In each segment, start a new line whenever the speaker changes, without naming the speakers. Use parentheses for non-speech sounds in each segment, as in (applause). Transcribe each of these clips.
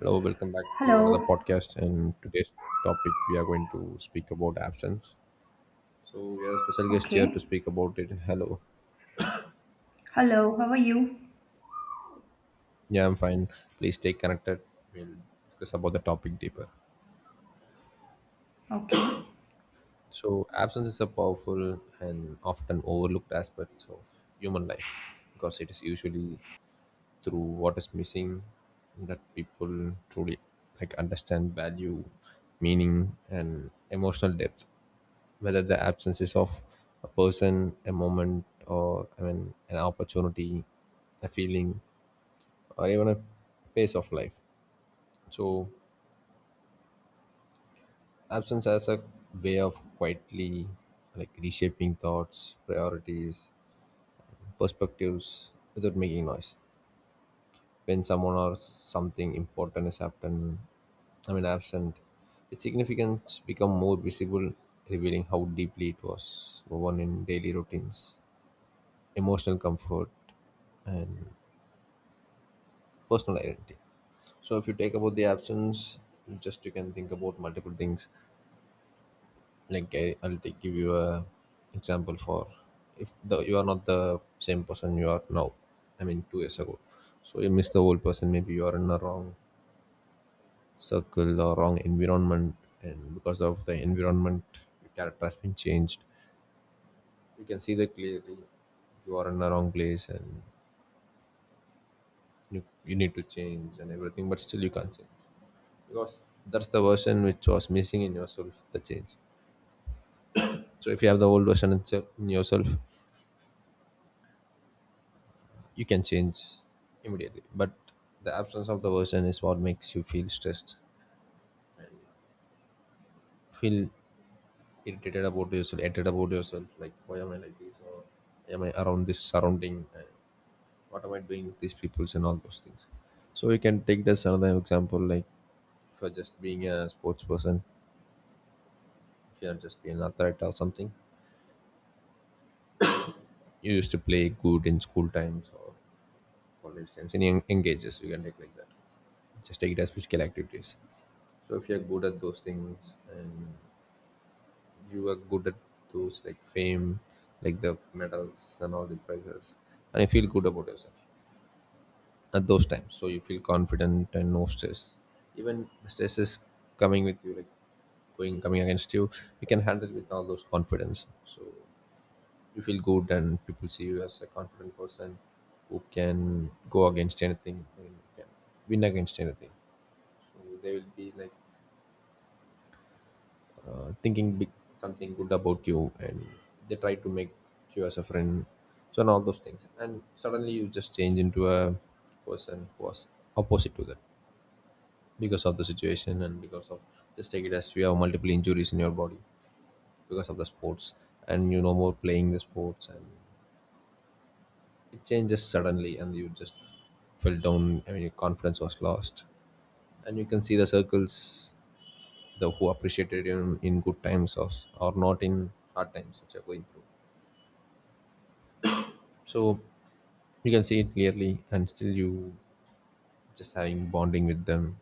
Hello, welcome back to another
Hello.
podcast. And today's topic we are going to speak about absence. So we have a special guest here to
Okay.
speak about it. Hello.
Hello. How are you?
Yeah, I'm fine. Please stay connected. We'll discuss about the topic deeper.
Okay.
So absence is a powerful and often overlooked aspect of human life because it is usually through what is missing that people truly understand value, meaning and emotional depth. Whether the absence is of a person, a moment, or an opportunity, a feeling, or even a pace of life. So, absence has a way of quietly reshaping thoughts, priorities, perspectives without making noise. When someone or something important is happened, absent, its significance become more visible, revealing how deeply it was woven in daily routines. Emotional comfort and personal identity. So if you take about the absence, just you can think about multiple things like I, I'll take give you a example for if the you are not the same person you are now, I mean 2 years ago. So you miss the old person. Maybe you are in a wrong circle or wrong environment, and because of the environment your character has been changed. You can see that clearly. You are in the wrong place and you need to change and everything, but still you can't change because that's the version which was missing in yourself, the change. So if you have the old version in yourself, you can change immediately, but the absence of the version is what makes you feel stressed, feel irritated about yourself, irritated about yourself, like why am I like this, or am I around this surrounding, and what am I doing with these peoples and all those things. So you can take this another example, like if you're just being a sports person, if you're just being an athlete or something, you used to play good in school times or college times, any engages you can take like that. Just take it as physical activities. So if you're good at those things and you are good at those, like fame, like the medals and all the prizes, and you feel good about yourself at those times, so you feel confident and no stress. Even the stress is coming with you, like going, coming against you, you can handle with all those confidence. So you feel good and people see you as a confident person who can go against anything and can win against anything. So they will be like thinking big, something good about you, and they try to make you as a friend. So and all those things, and suddenly you just change into a person who was opposite to that because of the situation, and because of, just take it as you have multiple injuries in your body because of the sports, and you no more playing the sports, and it changes suddenly and you just fell down. I mean your confidence was lost, and you can see the circles, the who appreciated you in good times, or not in hard times which you're going through. So you can see it clearly, and still you just having bonding with them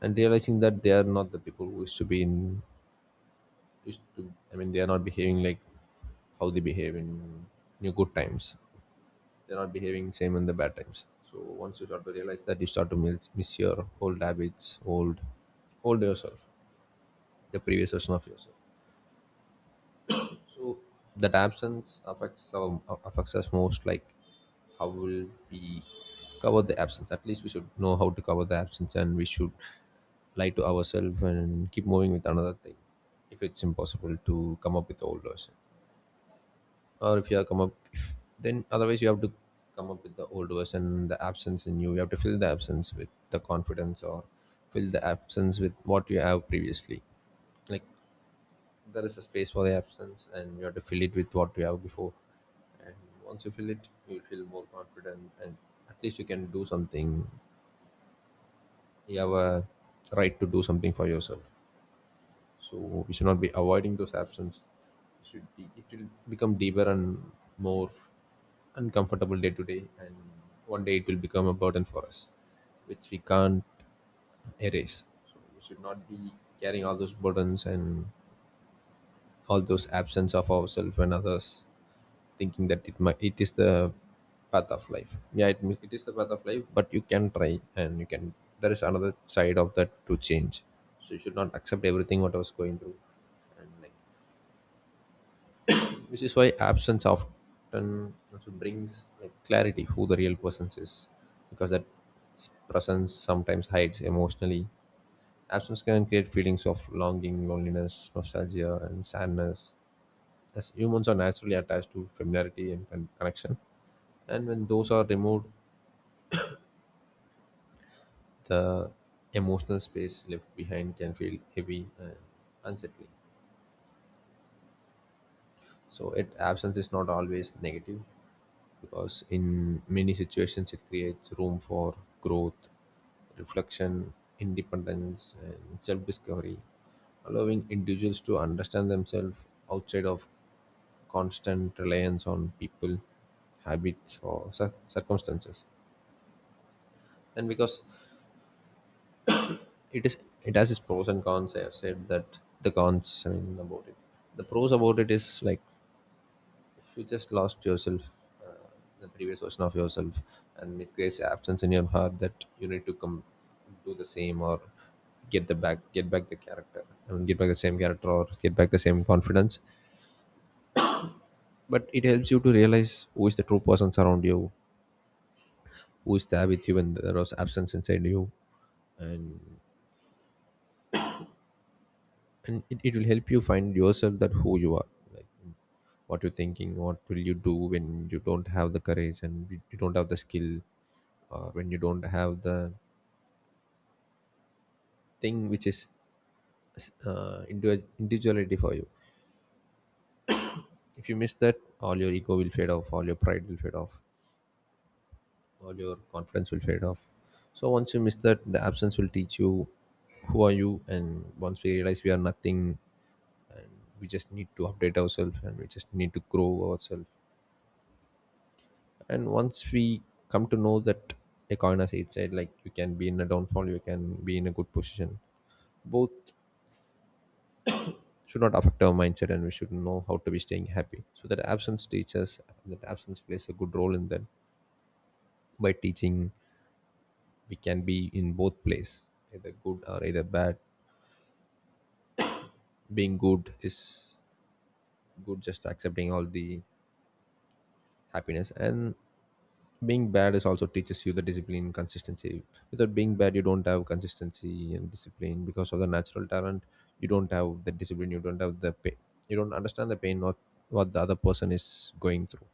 and realizing that they are not the people who used to be in, used to, I mean they are not behaving like how they behave in your good times. They're not behaving same in the bad times. So once you start to realize that, you start to miss your old habits, old yourself, the previous version of yourself. So that absence affects affects us most. Like how will we cover the absence? At least we should know how to cover the absence, and we should lie to ourselves and keep moving with another thing if it's impossible to come up with the old version, or if you have come up. Then otherwise you have to come up with the old version. The absence in you, you have to fill the absence with the confidence, or fill the absence with what you have previously. Like there is a space for the absence, and you have to fill it with what you have before. And once you fill it, you will feel more confident, and at least you can do something. You have a right to do something for yourself. So we should not be avoiding those absence. Should be, it will become deeper and more uncomfortable day to day, and one day it will become a burden for us which we can't erase. So we should not be carrying all those burdens and all those absence of ourselves and others, thinking that it might, it is the path of life. Yeah, it, it is the path of life, but you can try and you can, there is another side of that to change. So you should not accept everything what I was going through. And like which is why absence often also brings like clarity who the real person is, because that presence sometimes hides emotionally. Absence can create feelings of longing, loneliness, nostalgia and sadness, as humans are naturally attached to familiarity and connection. And when those are removed, the emotional space left behind can feel heavy and unsettling. So it, absence is not always negative, because in many situations it creates room for growth, reflection, independence, and self discovery, allowing individuals to understand themselves outside of constant reliance on people, habits, or circumstances. And because it is, it has its pros and cons. I have said that the cons, I mean about it. The pros about it is like you just lost yourself, uh, the previous version of yourself, and it creates absence in your heart that you need to come do the same, or get the back, get back the character, I mean get back the same character, or get back the same confidence. But it helps you to realize who is the true person around you, who is there with you when there was absence inside you. And it will help you find yourself, that who you are, like what you're thinking, what will you do when you don't have the courage and you don't have the skill, or when you don't have the thing which is individuality for you. If you miss that, all your ego will fade off, all your pride will fade off, all your confidence will fade off. So once you miss that, the absence will teach you who are you. And once we realize we are nothing, we just need to update ourselves, and we just need to grow ourselves. And once we come to know that, a coin as it said, like you can be in a downfall, you can be in a good position. Both should not affect our mindset, and we should know how to be staying happy. So that absence teaches, that absence plays a good role in that, by teaching we can be in both place, either good or either bad. Being good is good, just accepting all the happiness and being bad is also teaches you the discipline, consistency. Without being bad, you don't have consistency and discipline because of the natural talent. You don't have the discipline. You don't have the pain. You don't understand the pain, or what the other person is going through.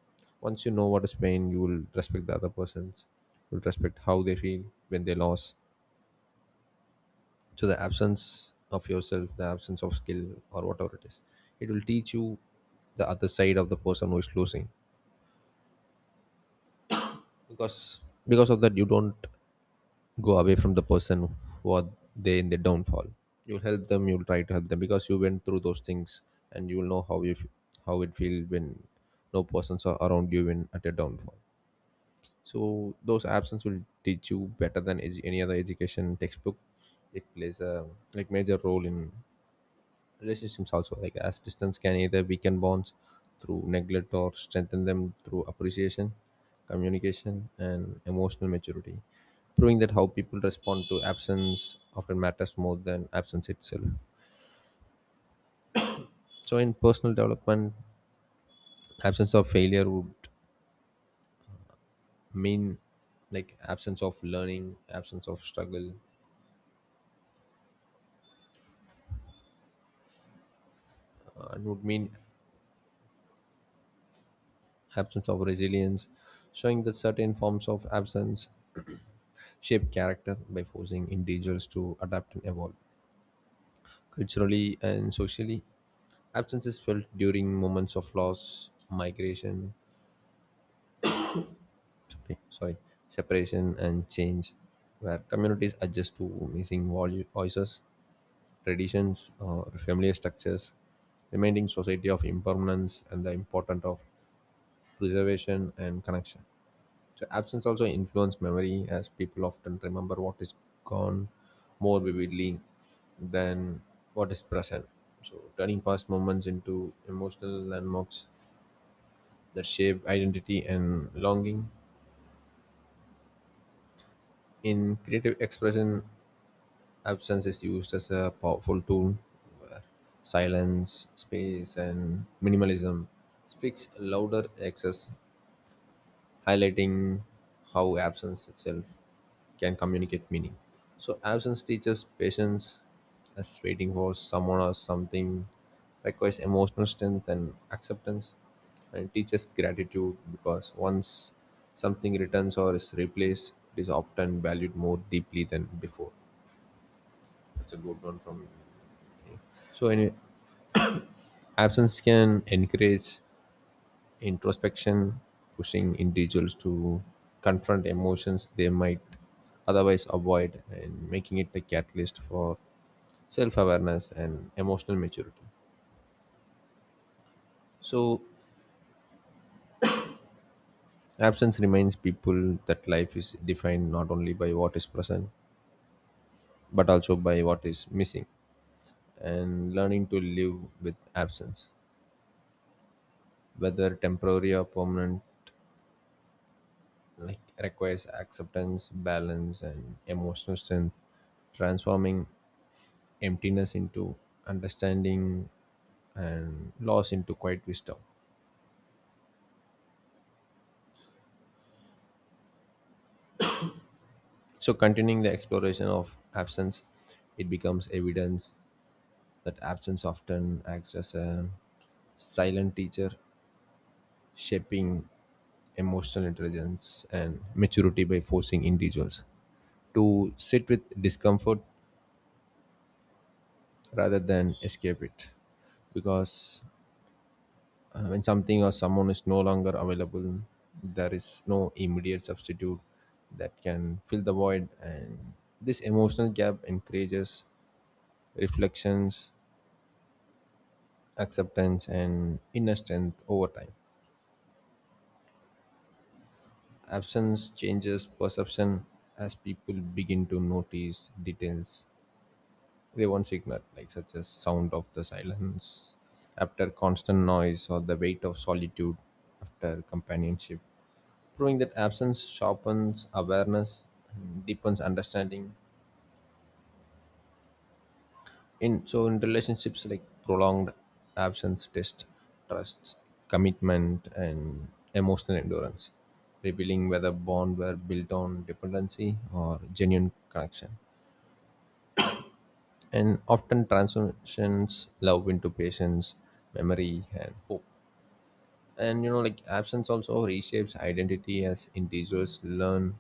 Once you know what is pain, you will respect the other person's. You'll respect how they feel when they lost. So the absence of yourself, the absence of skill or whatever it is, it will teach you the other side of the person who is losing, because of that you don't go away from the person who are they in their downfall. You'll help them, you'll try to help them, because you went through those things, and you'll know how how it feels when no persons are around you when at a downfall. So those absence will teach you better than any other education textbook. It plays a like major role in relationships also, like as distance can either weaken bonds through neglect, or strengthen them through appreciation, communication and emotional maturity, proving that how people respond to absence often matters more than absence itself. So in personal development, absence of failure would mean, like absence of learning, absence of struggle, and would mean absence of resilience, showing that certain forms of absence shape character by forcing individuals to adapt and evolve. Culturally and socially, absence is felt during moments of loss, migration, sorry, sorry, separation, and change, where communities adjust to missing voices, traditions, or familiar structures, reminding society of impermanence and the importance of preservation and connection. So absence also influences memory, as people often remember what is gone more vividly than what is present. So turning past moments into emotional landmarks that shape identity and longing. In creative expression, absence is used as a powerful tool where silence, space and minimalism speaks louder excess highlighting how absence itself can communicate meaning. So, absence teaches patience as waiting for someone or something requires emotional strength and acceptance, and it teaches gratitude because once something returns or is replaced, it is often valued more deeply than before. That's a good one from me. So, any absence can encourage introspection, pushing individuals to confront emotions they might otherwise avoid, and making it a catalyst for self awareness and emotional maturity. So, absence reminds people that life is defined not only by what is present but also by what is missing, and learning to live with absence, whether temporary or permanent, like requires acceptance, balance, and emotional strength, transforming emptiness into understanding and loss into quiet wisdom. So, continuing the exploration of absence, it becomes evidence that absence often acts as a silent teacher, shaping emotional intelligence and maturity by forcing individuals to sit with discomfort rather than escape it. Because when something or someone is no longer available, there is no immediate substitute that can fill the void. And this emotional gap encourages reflections, acceptance, and inner strength over time. Absence changes perception as people begin to notice details they once ignored, like such as sound of the silence after constant noise or the weight of solitude after companionship proving that absence sharpens awareness and deepens understanding. In so in relationships like prolonged absence test trust, commitment, and emotional endurance, revealing whether bond were built on dependency or genuine connection, and often transforms love into patience, memory, and hope. And you know, like absence also reshapes identity as individuals learn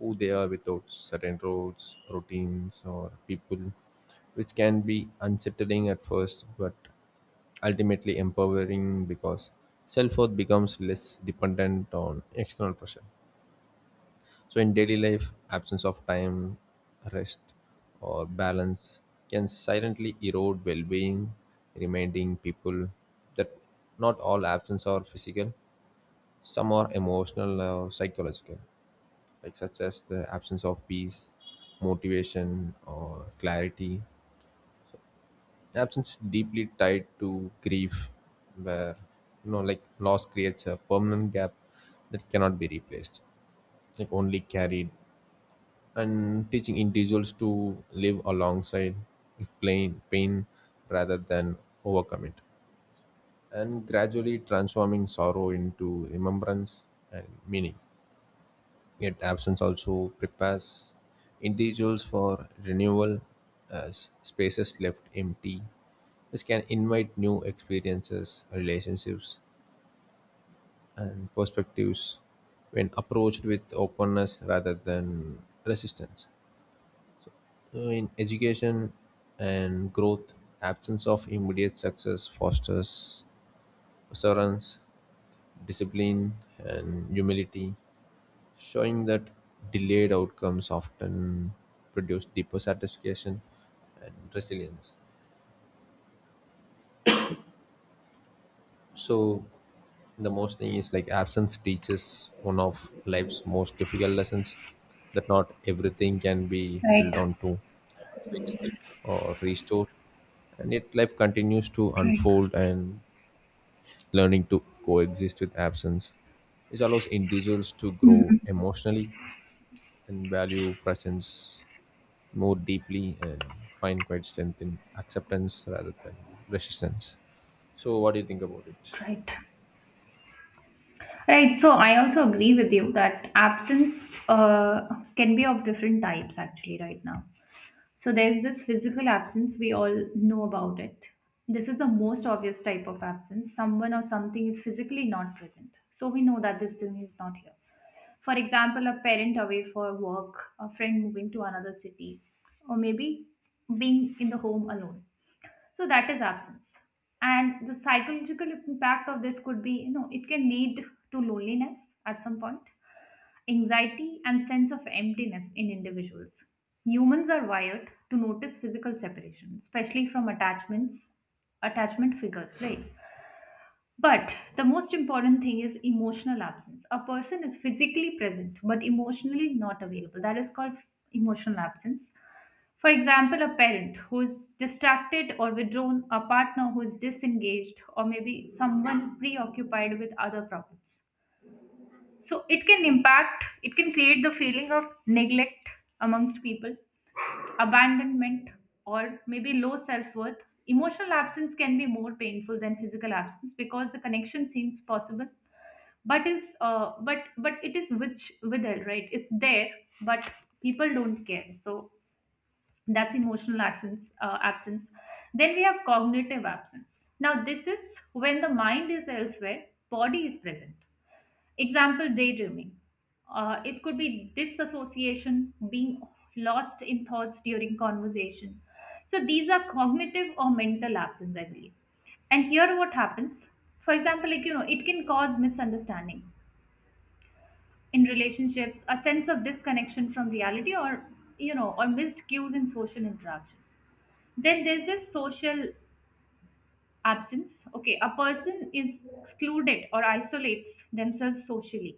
who they are without certain roles, routines, or people, which can be unsettling at first but ultimately empowering because self worth becomes less dependent on external pressure. So, in daily life, absence of time, rest, or balance can silently erode well being, reminding people that not all absence are physical, some are emotional or psychological like such as the absence of peace, motivation, or clarity. Absence is deeply tied to grief, where you know, like loss creates a permanent gap that cannot be replaced, like only carried. And teaching individuals to live alongside plain pain rather than overcome it, and gradually transforming sorrow into remembrance and meaning. Yet absence also prepares individuals for renewal as spaces left empty, which can invite new experiences, relationships, and perspectives when approached with openness rather than resistance. So in education and growth, absence of immediate success fosters perseverance, discipline, and humility showing that delayed outcomes often produce deeper satisfaction and resilience. So, the most thing is like absence teaches one of life's most difficult lessons that not everything can be held
Right.
on to, fixed, or restored. And yet, life continues to
Right.
unfold and learning to coexist with absence, which allows individuals to grow
Mhm.
emotionally and value presence more deeply and find quite strength in acceptance rather than resistance. So, what do you think about it?
Right. Right. So I also agree with you that absence can be of different types actually right now. So there's this physical absence, we all know about it. This is the most obvious type of absence. Someone or something is physically not present. So we know that this thing is not here. For example, a parent away for work, a friend moving to another city, or maybe being in the home alone, so that is absence. And the psychological impact of this could be, it can lead to loneliness at some point, anxiety and sense of emptiness in individuals. Humans are wired to notice physical separation, especially from attachments, attachment figures, right? But the most important thing is emotional absence. A person is physically present but emotionally not available. That is called emotional absence. For example, a parent who is distracted or withdrawn, a partner who is disengaged, or maybe someone preoccupied with other problems. So it can impact, it can create the feeling of neglect amongst people, abandonment, or maybe low self worth. Emotional absence can be more painful than physical absence because the connection seems possible, but is but it is which withered, right? It's there, but people don't care. So that's emotional absence. Absence. Then we have cognitive absence. Now this is when the mind is elsewhere, body is present. Example, daydreaming. It could be disassociation, being lost in thoughts during conversation. So these are cognitive or mental absence, I believe. And here what happens, for example, like, it can cause misunderstanding in relationships, a sense of disconnection from reality, or, or missed cues in social interaction. Then there's this social absence. Okay, a person is excluded or isolates themselves socially.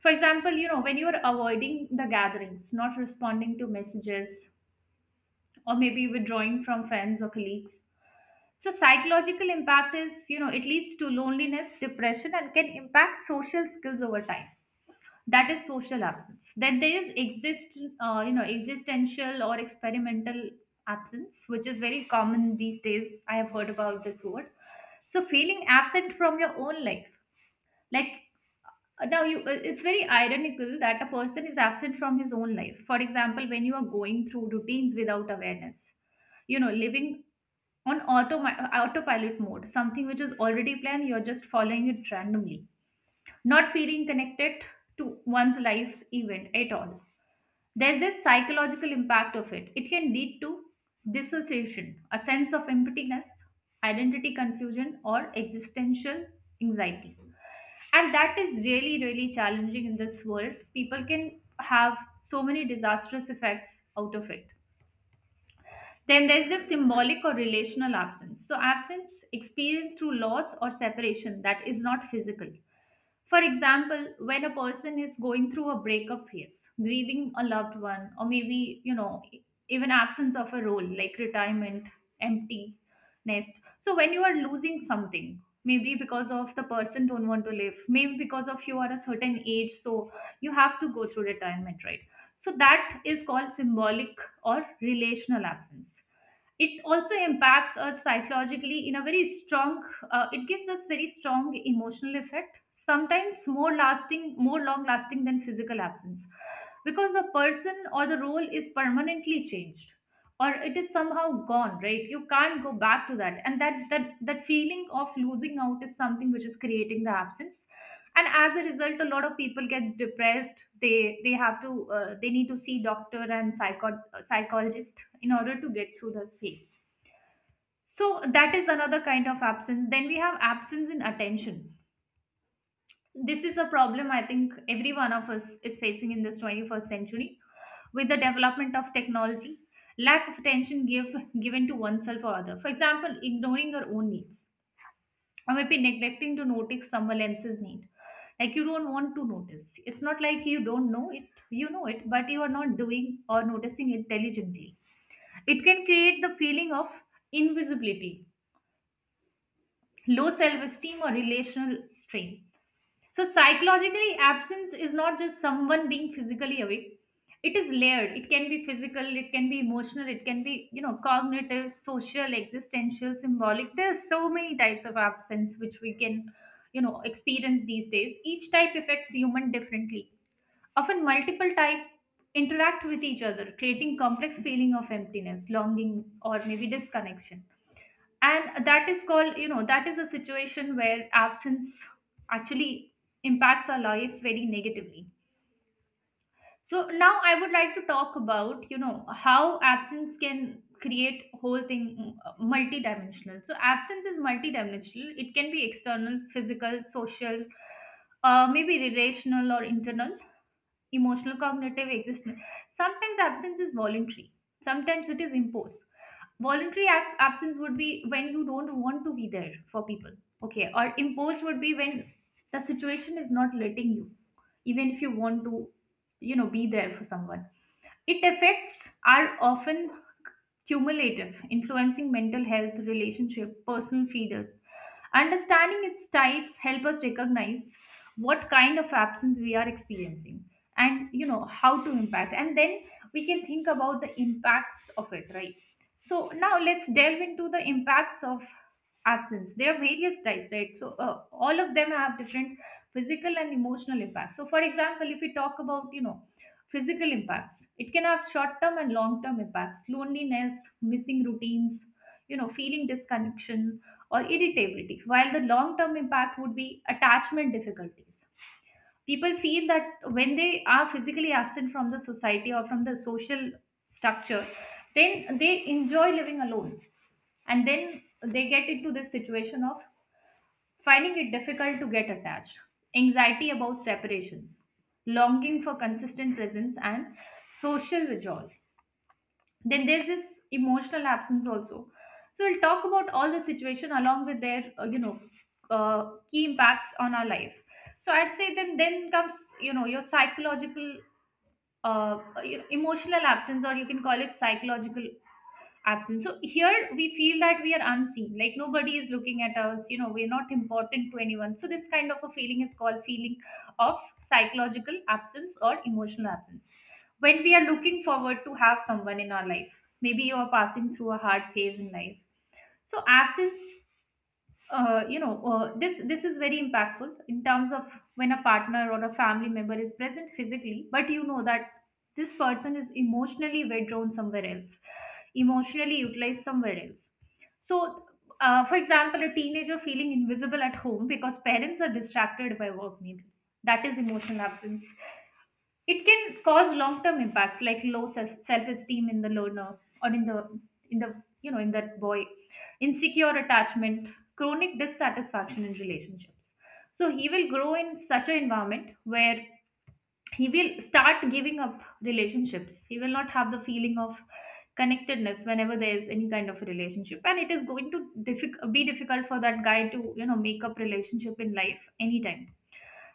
For example, when you're avoiding the gatherings, not responding to messages, or maybe withdrawing from friends or colleagues. So, psychological impact is, it leads to loneliness, depression, and can impact social skills over time. That is social absence. Then there is, existential or experimental absence, which is very common these days. I have heard about this word. So, feeling absent from your own life, like, it's very ironical that a person is absent from his own life. For example, when you are going through routines without awareness, living on autopilot mode, something which is already planned, you're just following it randomly, not feeling connected to one's life's event at all. There's this psychological impact of it. It can lead to dissociation, a sense of emptiness, identity confusion, or existential anxiety. And that is really, really challenging in this world. People can have so many disastrous effects out of it. Then there's the symbolic or relational absence. So, absence experienced through loss or separation that is not physical. For example, when a person is going through a breakup phase, grieving a loved one, or maybe, even absence of a role like retirement, empty nest. So when you are losing something, maybe because of the person don't want to live, maybe because of you are a certain age, so you have to go through retirement, right? So that is called symbolic or relational absence. It also impacts us psychologically in a very strong, it gives us very strong emotional effect, sometimes more lasting, more long lasting than physical absence, because the person or the role is permanently changed or it is somehow gone, right? You can't go back to that, and that feeling of losing out is something which is creating the absence. And as a result, a lot of people gets depressed. They have to, they need to see doctor and psych a psychologist in order to get through the phase. So that is another kind of absence. Then we have absence in attention. This is a problem I think every one of us is facing in this 21st century with the development of technology. Lack of attention given to oneself or other. For example, ignoring your own needs or maybe neglecting to notice someone else's need. Like you don't want to notice. It's not like you don't know it, you know it, but you are not doing or noticing it diligently. It can create the feeling of invisibility, low self esteem, or relational strain. So, psychologically, absence is not just someone being physically away. It is layered. It can be physical, it can be emotional, it can be, cognitive, social, existential, symbolic. There are so many types of absence which we can, experience these days. Each type affects human differently. Often multiple type interact with each other, creating complex feeling of emptiness, longing, or maybe disconnection. And that is called, that is a situation where absence actually impacts our life very negatively. So now I would like to talk about, how absence can create whole thing, multidimensional. So absence is multidimensional. It can be external, physical, social, maybe relational or internal, emotional, cognitive, existence. Sometimes absence is voluntary, sometimes it is imposed. Absence would be when you don't want to be there for people, okay, or imposed would be when the situation is not letting you, even if you want to, be there for someone. It effects are often cumulative, influencing mental health, relationship, personal freedom. Understanding its types help us recognize what kind of absence we are experiencing, and, how to impact, and then we can think about the impacts of it, right? So now let's delve into the impacts of absence. There are various types, right? So, all of them have different physical and emotional impacts. So for example, if we talk about, physical impacts, it can have short term and long term impacts: loneliness, missing routines, feeling disconnection or irritability, while the long term impact would be attachment difficulties. People feel that when they are physically absent from the society or from the social structure, then they enjoy living alone, and then they get into this situation of finding it difficult to get attached, anxiety about separation, longing for consistent presence, and social withdrawal. Then there's this emotional absence also. So we'll talk about all the situation along with their, you know key impacts on our life. So I'd say, then comes, your psychological, uh, uh, emotional absence, or you can call it psychological absence. So here we feel that we are unseen, like nobody is looking at us, we're not important to anyone. So this kind of a feeling is called feeling of psychological absence or emotional absence. When we are looking forward to have someone in our life, maybe you are passing through a hard phase in life, so absence, this is very impactful in terms of when a partner or a family member is present physically, but you know that this person is emotionally withdrawn somewhere else, emotionally utilized somewhere else. So, for example, a teenager feeling invisible at home because parents are distracted by work, maybe that is emotional absence. It can cause long-term impacts like self-esteem in the learner, or in the, in the in that boy, insecure attachment, chronic dissatisfaction in relationships. So he will grow in such an environment where he will start giving up relationships. He will not have the feeling of connectedness whenever there is any kind of a relationship, and it is going to be difficult for that guy to, make up relationship in life anytime.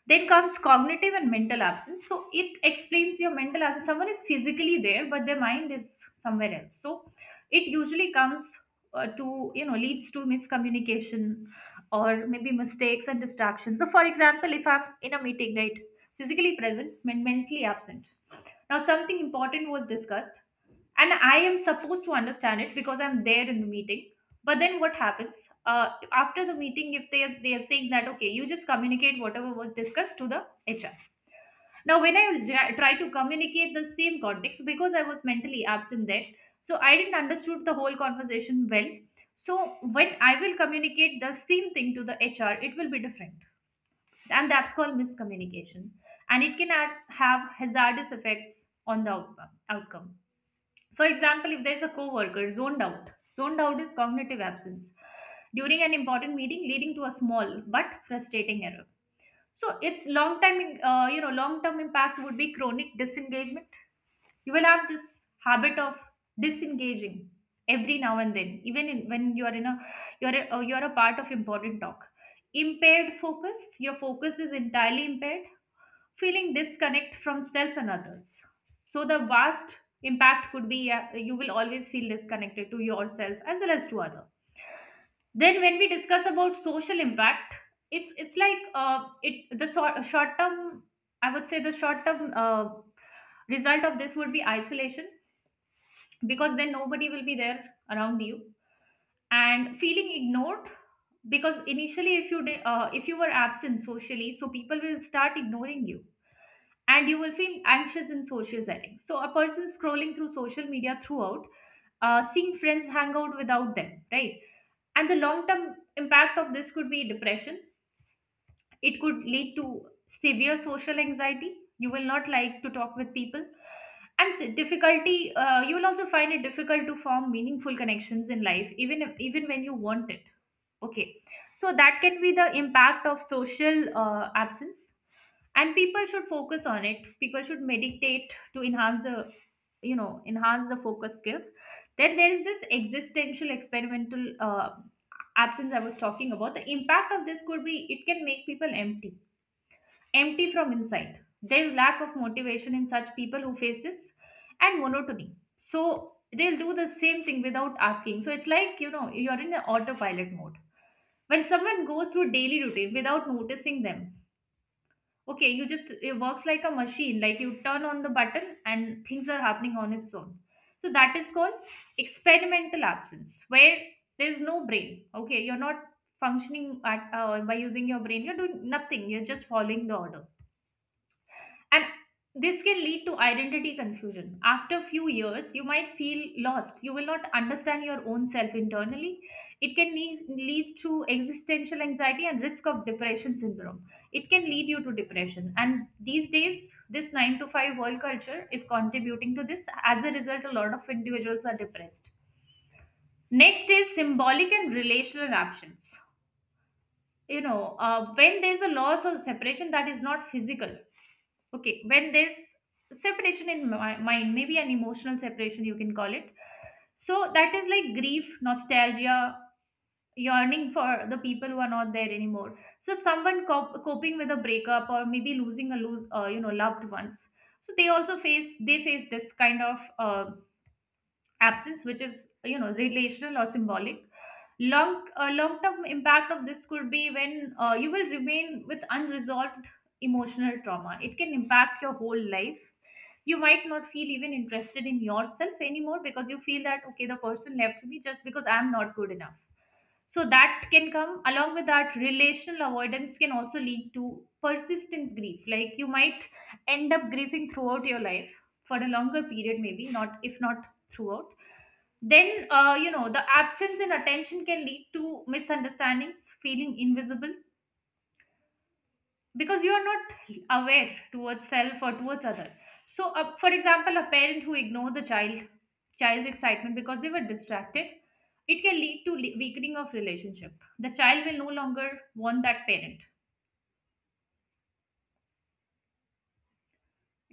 Then comes cognitive and mental absence. So it explains your mental absence. Someone is physically there, but their mind is somewhere else. So it usually comes, leads to miscommunication or maybe mistakes and distractions. So, for example, if I'm in a meeting, right, physically present, mentally absent. Now, something important was discussed, and I am supposed to understand it because I'm there in the meeting. But then what happens? After the meeting, if they are, they are saying that okay, you just communicate whatever was discussed to the hr. Now when I try to communicate the same context, because I was mentally absent there, so I didn't understood the whole conversation well. So when I will communicate the same thing to the hr, it will be different, and that's called miscommunication, and it can have hazardous effects on the outcome outcome. For example, if there is a coworker zoned out is cognitive absence, during an important meeting, leading to a small but frustrating error. So its long time, long term impact would be chronic disengagement. You will have this habit of disengaging every now and then, even when you are in a you're a part of important talk. Impaired focus. Your focus is entirely impaired, feeling disconnect from self and others. So the vast impact could be you will always feel disconnected to yourself as well as to other. Then when we discuss about social impact, it's like it the short term. I would say the short term result of this would be isolation, because then nobody will be there around you and feeling ignored, because initially if if you were absent socially, so people will start ignoring you and you will feel anxious in social settings. So, a person scrolling through social media throughout, seeing friends hang out without them, right? And the long term impact of this could be depression. It could lead to severe social anxiety. You will not like to talk with people. And difficulty, you will also find it difficult to form meaningful connections in life, even if, even when you want it. Okay, so that can be the impact of social absence, and people should focus on it. People should meditate to enhance the, you know, enhance the focus skills. Then there is this existential experimental absence I was talking about. The impact of this could be it can make people empty, empty from inside. There is lack of motivation in such people who face this, and monotony. So they'll do the same thing without asking. So it's, like you know, you're in an autopilot mode, when someone goes through daily routine without noticing them. Okay, you just, it works like a machine, like you turn on the button and things are happening on its own. So that is called experimental absence, where there's no brain. Okay, you're not functioning at by using your brain. You're doing nothing. You're just following the order, and this can lead to identity confusion. After few years you might feel lost, you will not understand your own self internally. It can lead to existential anxiety and risk of depression syndrome. It can lead you to depression, and these days this 9 to 5 world culture is contributing to this. As a result, a lot of individuals are depressed. Next is symbolic and relational options. When there's a loss or separation that is not physical, okay, when there's separation in my mind, maybe an emotional separation you can call it. So that is like grief, nostalgia, yearning for the people who are not there anymore. So someone coping with a breakup or maybe losing a lose you know loved ones. So they also face they face this kind of absence, which is, you know, relational or symbolic. Long term impact of this could be, when you will remain with unresolved emotional trauma, it can impact your whole life. You might not feel even interested in yourself anymore, because you feel that, okay, the person left me just because I'm not good enough. So that can come along with that. Relational avoidance can also lead to persistence grief, like you might end up grieving throughout your life, for a longer period, maybe not, if not throughout. Then you know, the absence in attention can lead to misunderstandings, feeling invisible, because you are not aware towards self or towards other. So for example, a parent who ignore the child's excitement because they were distracted, it can lead to weakening of relationship. The child will no longer want that parent.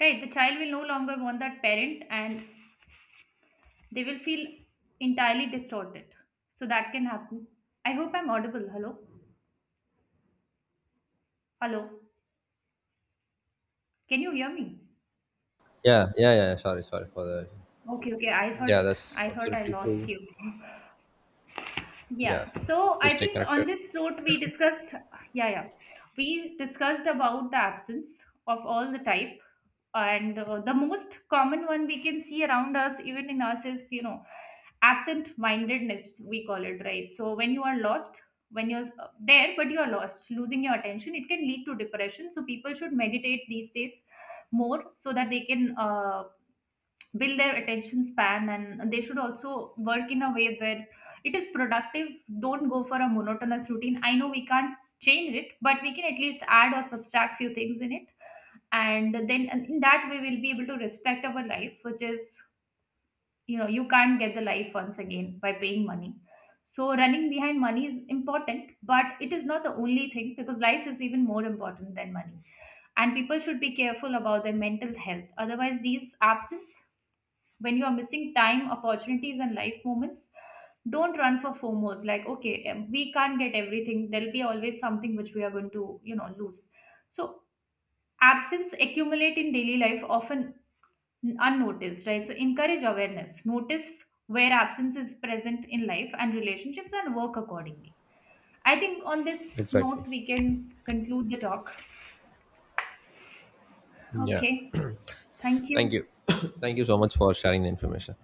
Right, the child will no longer want that parent, and they will feel entirely distorted. So that can happen. I hope I'm audible. Hello? Hello? Can you hear me?
Yeah. Sorry for the.
Okay, okay, I thought,
Yeah, that's
I thought I
absolutely
lost
true.
you. Yeah,
Yeah,
so
we
I
stay
think on
connected.
this note we discussed, yeah, yeah, we discussed about the absence of all the type, and the most common one we can see around us, even in us, is, you know, absent-mindedness we call it, right? So when you are lost, when you're there but you're lost, losing your attention, it can lead to depression. So people should meditate these days more, so that they can build their attention span, and they should also work in a way where it is productive. Don't go for a monotonous routine. I know we can't change it, but we can at least add or subtract few things in it, and then and in that way we'll be able to respect our life, which is, you know, you can't get the life once again by paying money. So running behind money is important, but it is not the only thing, because life is even more important than money. And people should be careful about their mental health, otherwise these absence, when you are missing time, opportunities and life moments. Don't run for fomos, like, okay, we can't get everything, there'll be always something which we are going to, you know, lose. So absence accumulate in daily life, often unnoticed, right? So encourage awareness, notice where absence is present in life and relationships, and work accordingly. I think on this note
Exactly.
we can conclude the talk.
Yeah.
Okay, thank
Thank
you.
you. (coughs) Thank you so much for sharing the
Yeah.
information.